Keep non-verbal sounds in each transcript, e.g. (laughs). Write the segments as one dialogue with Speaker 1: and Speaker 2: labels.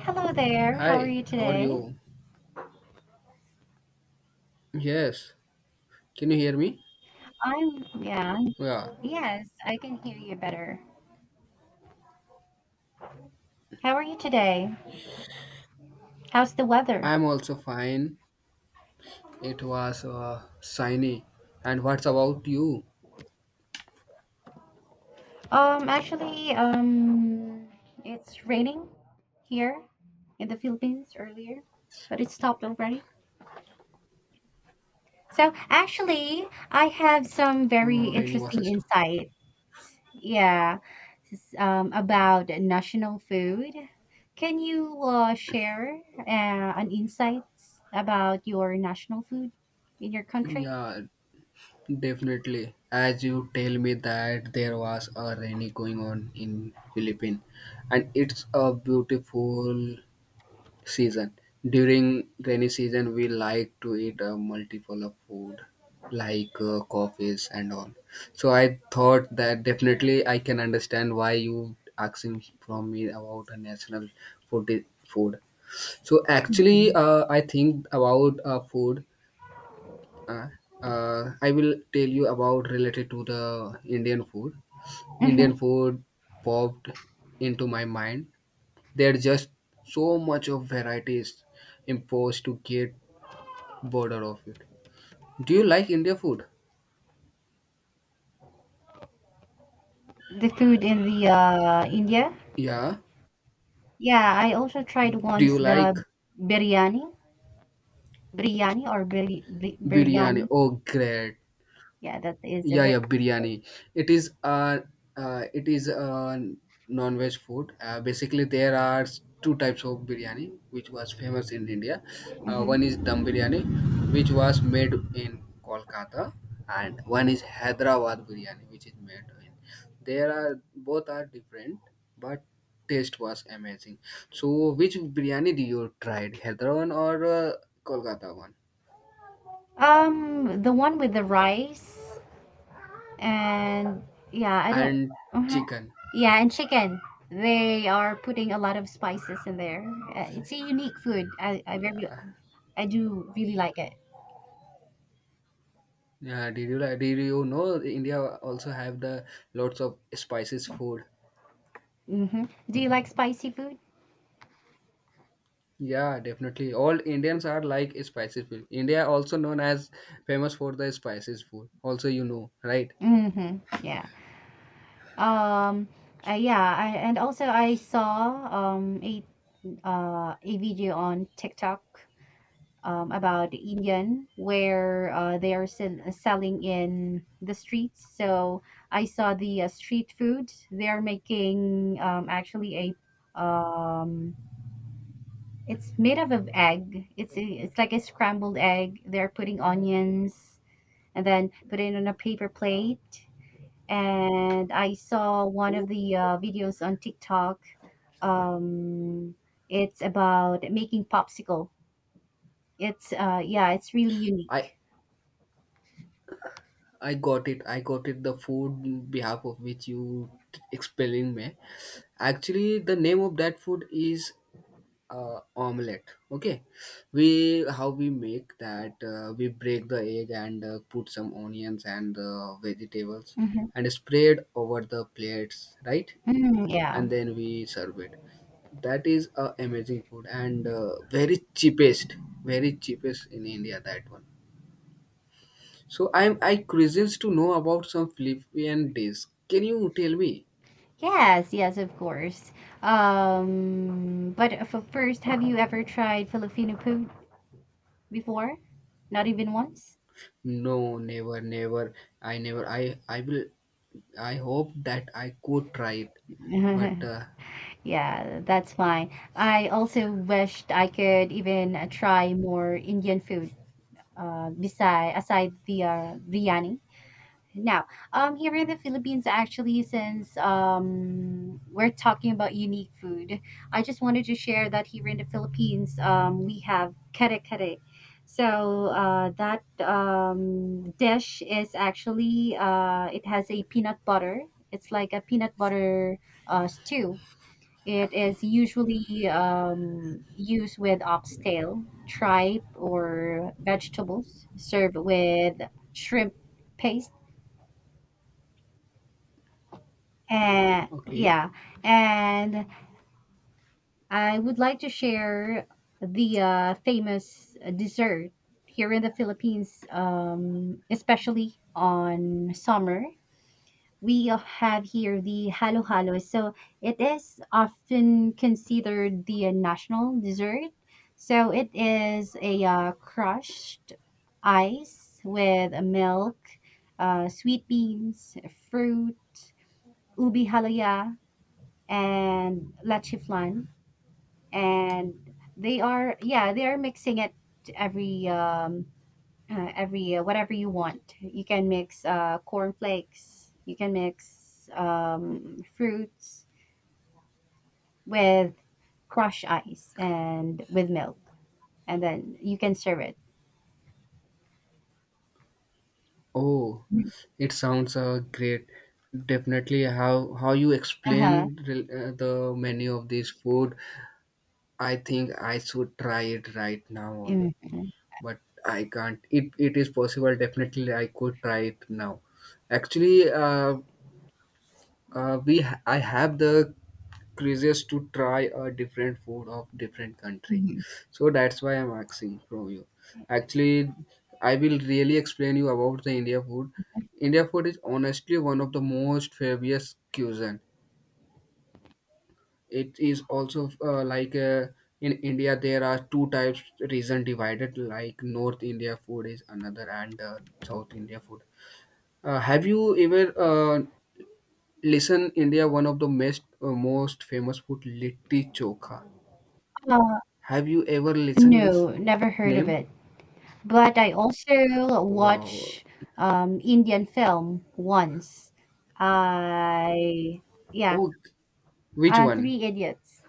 Speaker 1: Hello there. How are
Speaker 2: Hi,
Speaker 1: you
Speaker 2: how are
Speaker 1: today?
Speaker 2: you? Yes, can you hear me?
Speaker 1: Yeah.
Speaker 2: Yeah,
Speaker 1: Yes, I can hear you better. How are you today? How's the weather?
Speaker 2: I'm also fine. It was sunny. And what's about you?
Speaker 1: Actually, it's raining here in the Philippines earlier, but it stopped already. So, actually, I have some very
Speaker 2: Oh, rainy was
Speaker 1: interesting
Speaker 2: it?
Speaker 1: insight. Yeah, about national food. Can you share an insights about your national food in your country?
Speaker 2: Yeah, definitely. As you tell me that there was a rainy going on in Philippines, and it's a beautiful season. During rainy season, we like to eat a multiple of food like coffees and all. So I thought that definitely I can understand why you asking from me about a national food. Food. So actually,
Speaker 1: Mhm.
Speaker 2: I think about food. Uh, I will tell you about related to the Indian food.
Speaker 1: Mhm.
Speaker 2: Indian food popped into my mind, there are just so much of varieties imposed to get bored of it. Do you like India food?
Speaker 1: The food in the India.
Speaker 2: Yeah.
Speaker 1: Yeah, I also tried
Speaker 2: Do
Speaker 1: once
Speaker 2: you
Speaker 1: the
Speaker 2: like
Speaker 1: biryani,
Speaker 2: biryani?
Speaker 1: biryani.
Speaker 2: Oh, great.
Speaker 1: Yeah, that is a
Speaker 2: Yeah,
Speaker 1: very.
Speaker 2: yeah, biryani. It is uh it is uh, non-veg food. Basically, there are two types of biryani which was famous in India.
Speaker 1: Mhm.
Speaker 2: One is dum biryani, which was made in Kolkata, and one is Hyderabad biryani, which is made in. There are both are different, but taste was amazing. So, which biryani do you tried, Hyderabad or Kolkata one?
Speaker 1: The one with the rice and yeah, I don't.
Speaker 2: And
Speaker 1: Mhm.
Speaker 2: chicken.
Speaker 1: Yeah, and chicken. They are putting a lot of spices in there. It's a unique food. I very,
Speaker 2: Yeah.
Speaker 1: I do really like it.
Speaker 2: Yeah, did you like? Did you know India also have the lots of spices food?
Speaker 1: Mm-hmm. Do you like spicy food?
Speaker 2: Yeah, definitely. All Indians are like spices food. India also known as famous for the spices food. Also, you know, right?
Speaker 1: Mm-hmm. Yeah. Um. Yeah. I, and also, I saw a video on TikTok about the Indian where they are selling in the streets. So I saw the street food. They are making actually a it's made up of egg. It's like a scrambled egg. They're putting onions and then put it on a paper plate. And I saw one
Speaker 2: Oh,
Speaker 1: of the videos on TikTok. Um, it's about making popsicle. It's Yeah, it's really
Speaker 2: I
Speaker 1: unique.
Speaker 2: I got it. I got it. The food in behalf of which you explaining me. Actually, the name of that food is omelette, okay. We how we make that, we break the egg and put some onions and vegetables
Speaker 1: Mhm.
Speaker 2: and spread over the plates, right,
Speaker 1: Mm, yeah.
Speaker 2: and then we serve it. That is a amazing food and very cheapest, very cheapest in India, that one. So I curious to know about some Philippine dish. Can you tell me?
Speaker 1: Yes, yes, of course. But f first, have you ever tried Filipino food before? Not even once?
Speaker 2: No, never, never. i never i i will I hope that I could try it. But
Speaker 1: (laughs) Yeah, that's fine. I also wished I could even try more Indian food, beside aside the biryani. Now, here in the Philippines, actually, since we're talking about unique food, I just wanted to share that here in the Philippines, we have kare kare. So that dish is actually it has a peanut butter. It's like a peanut butter stew. It is usually used with oxtail, tripe, or vegetables, served with shrimp paste. And
Speaker 2: okay.
Speaker 1: yeah, and I would like to share the famous dessert here in the Philippines, especially on summer. We have here the halo-halo. So it is often considered the national dessert. So it is a crushed ice with milk, sweet beans, fruit, ubi halaya, and leche flan, and they are yeah they are mixing it every um every whatever you want you can mix cornflakes, you can mix fruits with crushed ice and with milk, and then you can serve it.
Speaker 2: Oh, it sounds great. Definitely, how you
Speaker 1: Uh-huh.
Speaker 2: explained the menu of this food, I think I should try it right now only.
Speaker 1: Mhm.
Speaker 2: But I can't. It is possible. Definitely, I could try it now. Actually, I have the curious to try a different food of different country,
Speaker 1: Mhm.
Speaker 2: so that's why I'm asking from you. Actually, I will really explain you about the India food. India food is honestly one of the most famous cuisine. It is also in India there are two types reason divided, like north India food is another and south India food. Have you ever listened India one of the most most famous food, litti chokha?
Speaker 1: uh
Speaker 2: Have you ever listened this
Speaker 1: no, never heard of
Speaker 2: name?
Speaker 1: it. But I also
Speaker 2: Wow.
Speaker 1: watch Indian film once. I yeah,
Speaker 2: Oh, which one?
Speaker 1: Three Idiots.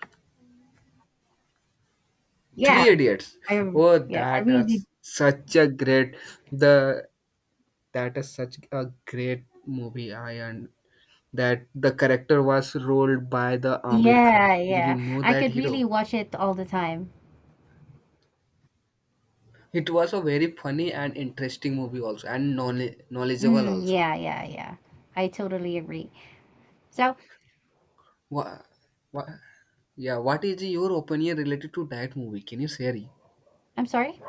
Speaker 1: Yeah,
Speaker 2: Three Idiots.
Speaker 1: I
Speaker 2: Oh,
Speaker 1: yeah, I
Speaker 2: that
Speaker 1: really,
Speaker 2: is such a great the that is such a great movie. I and that the character was rolled by the Amir Khan.
Speaker 1: yeah
Speaker 2: Did you
Speaker 1: yeah.
Speaker 2: know
Speaker 1: I
Speaker 2: that
Speaker 1: could really
Speaker 2: hero?
Speaker 1: watch it all the time.
Speaker 2: It was a very funny and interesting movie also, and knowledge, knowledgeable
Speaker 1: Mm,
Speaker 2: also.
Speaker 1: yeah yeah yeah. I totally agree. So.
Speaker 2: What, what, yeah, what is your opinion related to that movie? Can you share?
Speaker 1: I'm sorry.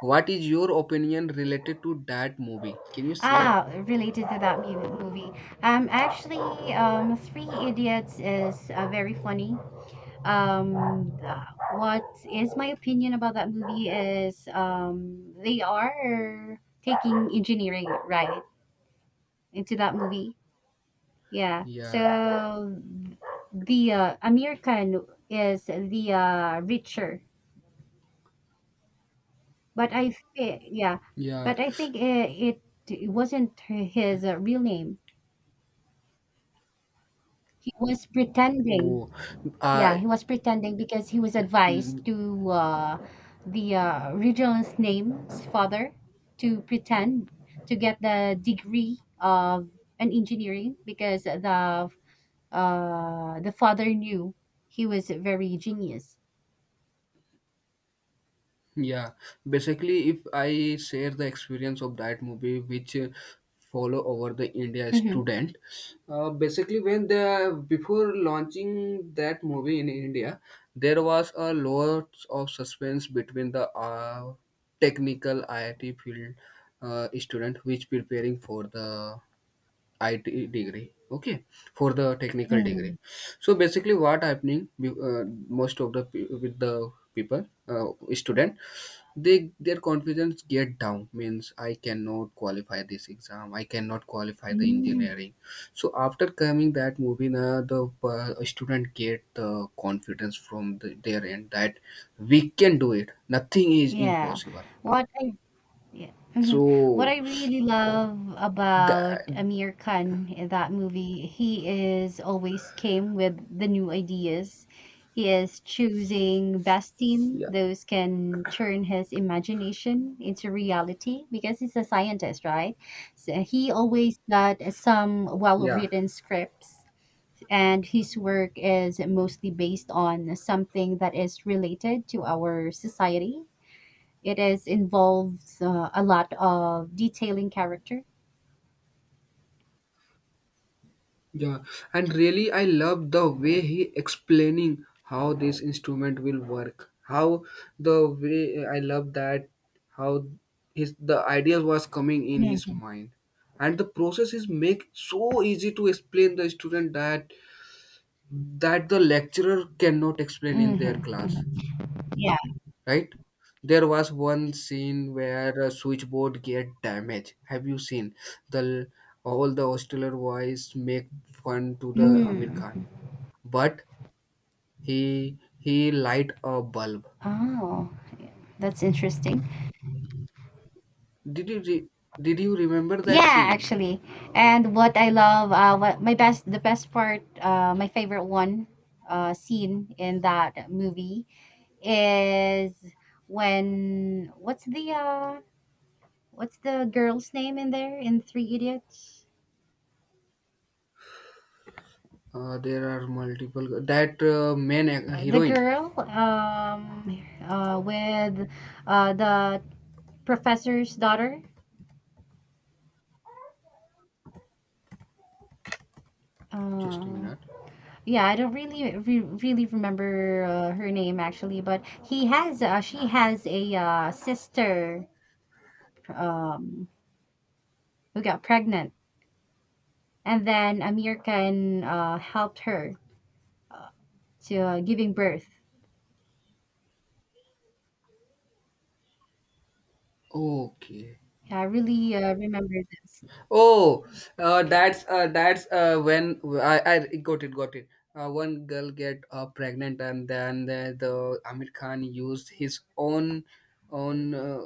Speaker 2: What is your opinion related to that movie? Can you share?
Speaker 1: Ah, related to that movie. Actually, Three Idiots is very funny. What is my opinion about that movie is they are taking engineering, right, into that movie. Yeah,
Speaker 2: Yeah,
Speaker 1: so the american is the richer, but yeah,
Speaker 2: yeah.
Speaker 1: but I think it it wasn't his real name. He was pretending,
Speaker 2: Oh,
Speaker 1: yeah,
Speaker 2: I.
Speaker 1: he was pretending because he was advised
Speaker 2: Mm,
Speaker 1: to the regional's name's father to pretend to get the degree of an engineering because the father knew he was very genius.
Speaker 2: yeah. Basically, if I share the experience of that movie, which follow over the India
Speaker 1: Mhm.
Speaker 2: student, basically when the before launching that movie in India, there was a lot of suspense between the technical IIT field, student which preparing for the IT degree, okay, for the technical degree.
Speaker 1: Mhm.
Speaker 2: So basically what happening most of the with the people, student, they their confidence get down, means I cannot qualify this exam, I cannot qualify the
Speaker 1: Mm.
Speaker 2: engineering. So after coming that movie, now the student get the confidence from the, their end that we can do it, nothing is
Speaker 1: Yeah.
Speaker 2: impossible.
Speaker 1: What I, yeah. Mhm. What
Speaker 2: So
Speaker 1: I really love
Speaker 2: that,
Speaker 1: about Amir Khan in that movie, he is always came with the new ideas. He is choosing best team,
Speaker 2: yeah,
Speaker 1: those can turn his imagination into reality because he's a scientist, right? So he always got some
Speaker 2: yeah.
Speaker 1: well-written scripts and his work is mostly based on something that is related to our society, it is involves a lot of detailing character.
Speaker 2: Yeah, and really, I love the way he explaining how this instrument will work. How the way I love that, how his the ideas was coming in his mind, and the process is make so easy to explain the student that that the lecturer cannot explain in their
Speaker 1: Mm-hmm.
Speaker 2: class,
Speaker 1: Yeah.
Speaker 2: right? There was one scene where a switchboard get damaged. Have you seen the all the Australian boys make fun to the Amir
Speaker 1: Mm.
Speaker 2: Khan? But he light a bulb.
Speaker 1: Oh, that's interesting.
Speaker 2: Did you re- did you remember that
Speaker 1: Yeah,
Speaker 2: scene?
Speaker 1: actually.
Speaker 2: Uh,
Speaker 1: And what I love, the best part, my favorite one, scene in that movie is when what's the girl's name in there in Three Idiots?
Speaker 2: there are multiple that
Speaker 1: The
Speaker 2: heroine.
Speaker 1: girl, with, the professor's daughter.
Speaker 2: Just a
Speaker 1: Uh,
Speaker 2: minute.
Speaker 1: yeah, I don't really really remember her name actually, but he has she has a sister um, who got pregnant, and then Amir Khan helped her uh, to giving birth.
Speaker 2: Okay.
Speaker 1: Yeah, I really remember this.
Speaker 2: Oh, that's when I got it, got it. One girl get pregnant, and then the Amir Khan used his own own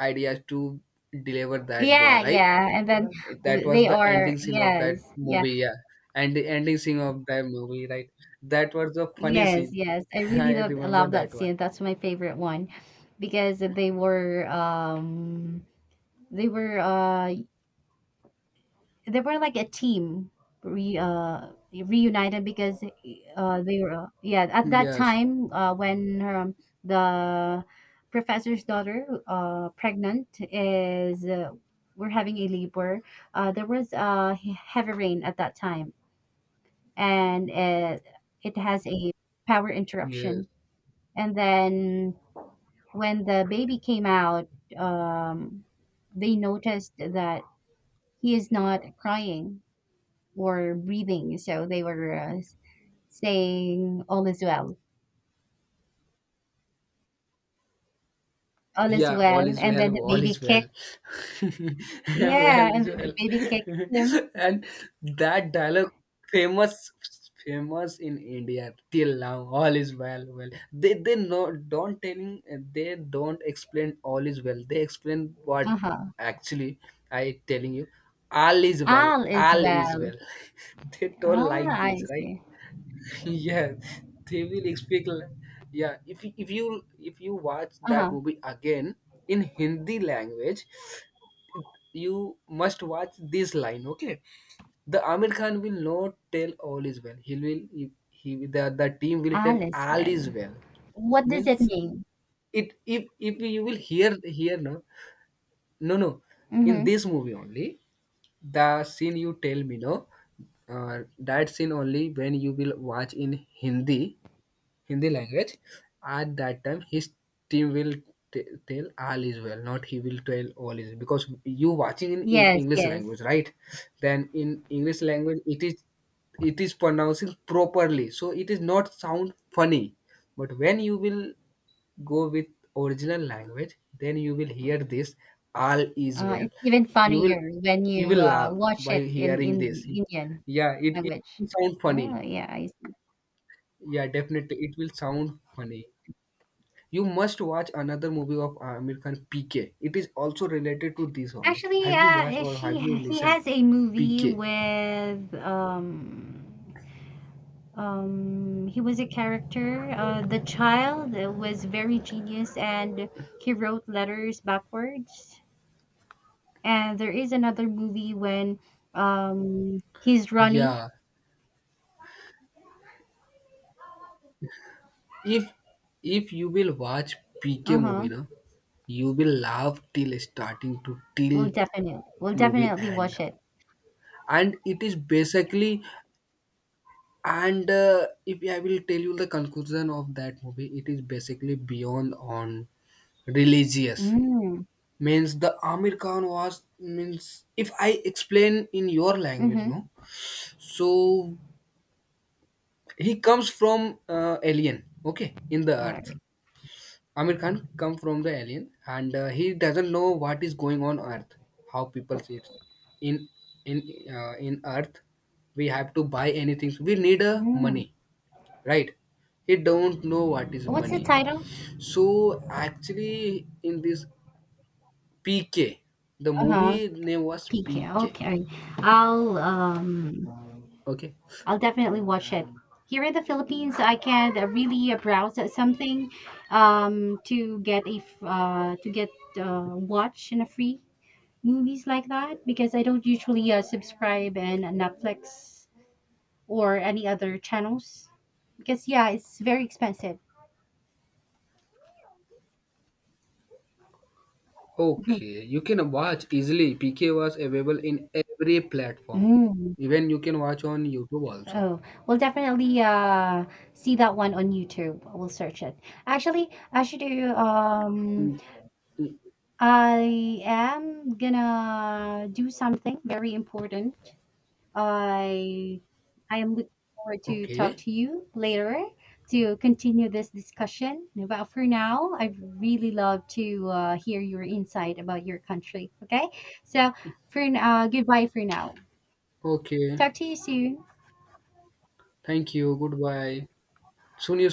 Speaker 2: ideas to deliver that boy,
Speaker 1: Yeah,
Speaker 2: right?
Speaker 1: yeah, and then
Speaker 2: That was
Speaker 1: they
Speaker 2: the
Speaker 1: are,
Speaker 2: ending scene of that
Speaker 1: yes, yeah,
Speaker 2: movie, yeah. And the ending scene of that movie, right? That was the funny
Speaker 1: yes,
Speaker 2: scene.
Speaker 1: yes. I
Speaker 2: (laughs)
Speaker 1: really
Speaker 2: I
Speaker 1: love,
Speaker 2: remember
Speaker 1: love that
Speaker 2: that one.
Speaker 1: scene. That's my favorite one because They were uh they were like a team re reunited because they were, yeah, at that
Speaker 2: Yes,
Speaker 1: time when the professor's daughter pregnant is we're having a labor, there was heavy rain at that time, and it has a power
Speaker 2: yes.
Speaker 1: interruption, and then when the baby came out um they noticed that he is not crying or breathing. So they were saying all is
Speaker 2: Yeah,
Speaker 1: well,
Speaker 2: all is
Speaker 1: and
Speaker 2: well,
Speaker 1: then the
Speaker 2: all
Speaker 1: baby
Speaker 2: is well.
Speaker 1: kicked.
Speaker 2: (laughs)
Speaker 1: Yeah,
Speaker 2: Well
Speaker 1: and
Speaker 2: is
Speaker 1: then the
Speaker 2: well.
Speaker 1: baby kicked him.
Speaker 2: (laughs) And that dialogue, famous, famous in India till now, all is well, well. They no don't telling, they don't explain all is well. They explain what
Speaker 1: Uh huh.
Speaker 2: actually I telling you, all is well,
Speaker 1: All is
Speaker 2: all is
Speaker 1: well.
Speaker 2: well. (laughs) They don't like
Speaker 1: Ah,
Speaker 2: this,
Speaker 1: I
Speaker 2: right?
Speaker 1: see.
Speaker 2: (laughs) Yeah, they will speak yeah. If you, if you watch
Speaker 1: Uh
Speaker 2: that
Speaker 1: huh.
Speaker 2: movie again in Hindi language, you must watch this line, okay. The Amir Khan will not tell all is well. He the team will tell
Speaker 1: All is
Speaker 2: all is
Speaker 1: well.
Speaker 2: well.
Speaker 1: What does it
Speaker 2: Means
Speaker 1: mean?
Speaker 2: it, if you will hear hear, no, no, no, in
Speaker 1: Mm-hmm.
Speaker 2: this movie only, the scene you tell me, no, uh, that scene only, when you will watch in Hindi, Hindi language. At that time, his team will tell all is well, not he will tell all is well. Because you watching in
Speaker 1: Yes,
Speaker 2: English
Speaker 1: yes.
Speaker 2: language, right? Then in English language, it is pronouncing properly, so it is not sound funny. But when you will go with original language, then you will hear this all is well.
Speaker 1: It's even
Speaker 2: You will
Speaker 1: funnier when
Speaker 2: you
Speaker 1: you
Speaker 2: will laugh
Speaker 1: watch
Speaker 2: by
Speaker 1: it
Speaker 2: hearing
Speaker 1: in
Speaker 2: this.
Speaker 1: Indian
Speaker 2: Yeah, it
Speaker 1: language.
Speaker 2: will sound funny.
Speaker 1: Oh yeah, I.
Speaker 2: Yeah, definitely it will sound funny. You must watch another movie of Amir Khan, PK. It is also related to this only.
Speaker 1: Actually,
Speaker 2: Have you watched
Speaker 1: eh,
Speaker 2: or
Speaker 1: she
Speaker 2: have you
Speaker 1: He
Speaker 2: listened?
Speaker 1: has a movie
Speaker 2: PK.
Speaker 1: with he was a character. The child was very genius and he wrote letters backwards. And there is another movie when he's running.
Speaker 2: Yeah. If if you will watch PK movie,
Speaker 1: Uh-huh.
Speaker 2: na, you will laugh till starting to till
Speaker 1: We'll
Speaker 2: movie
Speaker 1: definitely
Speaker 2: end.
Speaker 1: watch it.
Speaker 2: And it is basically, and if I will tell you the conclusion of that movie, it is basically beyond on religious,
Speaker 1: Mm.
Speaker 2: means the Amir Khan was, means if I explain in your language,
Speaker 1: Mm-hmm.
Speaker 2: no. So he comes from alien, okay, in the
Speaker 1: All
Speaker 2: earth.
Speaker 1: right.
Speaker 2: Amir Khan come from the alien, and he doesn't know what is going on earth, how people see it. In in in earth, we have to buy anything. So we need a
Speaker 1: Mm.
Speaker 2: money, right? He don't know what is
Speaker 1: What's the
Speaker 2: money.
Speaker 1: title?
Speaker 2: So actually, in this PK, the
Speaker 1: Uh-huh.
Speaker 2: movie name was
Speaker 1: PK.
Speaker 2: PK,
Speaker 1: Okay. I'll um
Speaker 2: okay.
Speaker 1: I'll definitely watch it. Here in the Philippines, I can really browse at something to get watch and a free movies like that because I don't usually subscribe in Netflix or any other channels because yeah, it's very expensive. (laughs)
Speaker 2: Okay, you can watch easily. PK was available in every platform.
Speaker 1: Mm.
Speaker 2: Even you can watch on YouTube also.
Speaker 1: Oh, we'll definitely see that one on YouTube. We'll search it. Actually, I should do
Speaker 2: Mm, mm,
Speaker 1: I am gonna do something very important. I I am looking forward to talk
Speaker 2: Okay,
Speaker 1: to you later to continue this discussion. But for now, I really love to hear your insight about your country. Okay, so goodbye for now.
Speaker 2: okay.
Speaker 1: Talk to you soon.
Speaker 2: Thank you. Goodbye. Soon you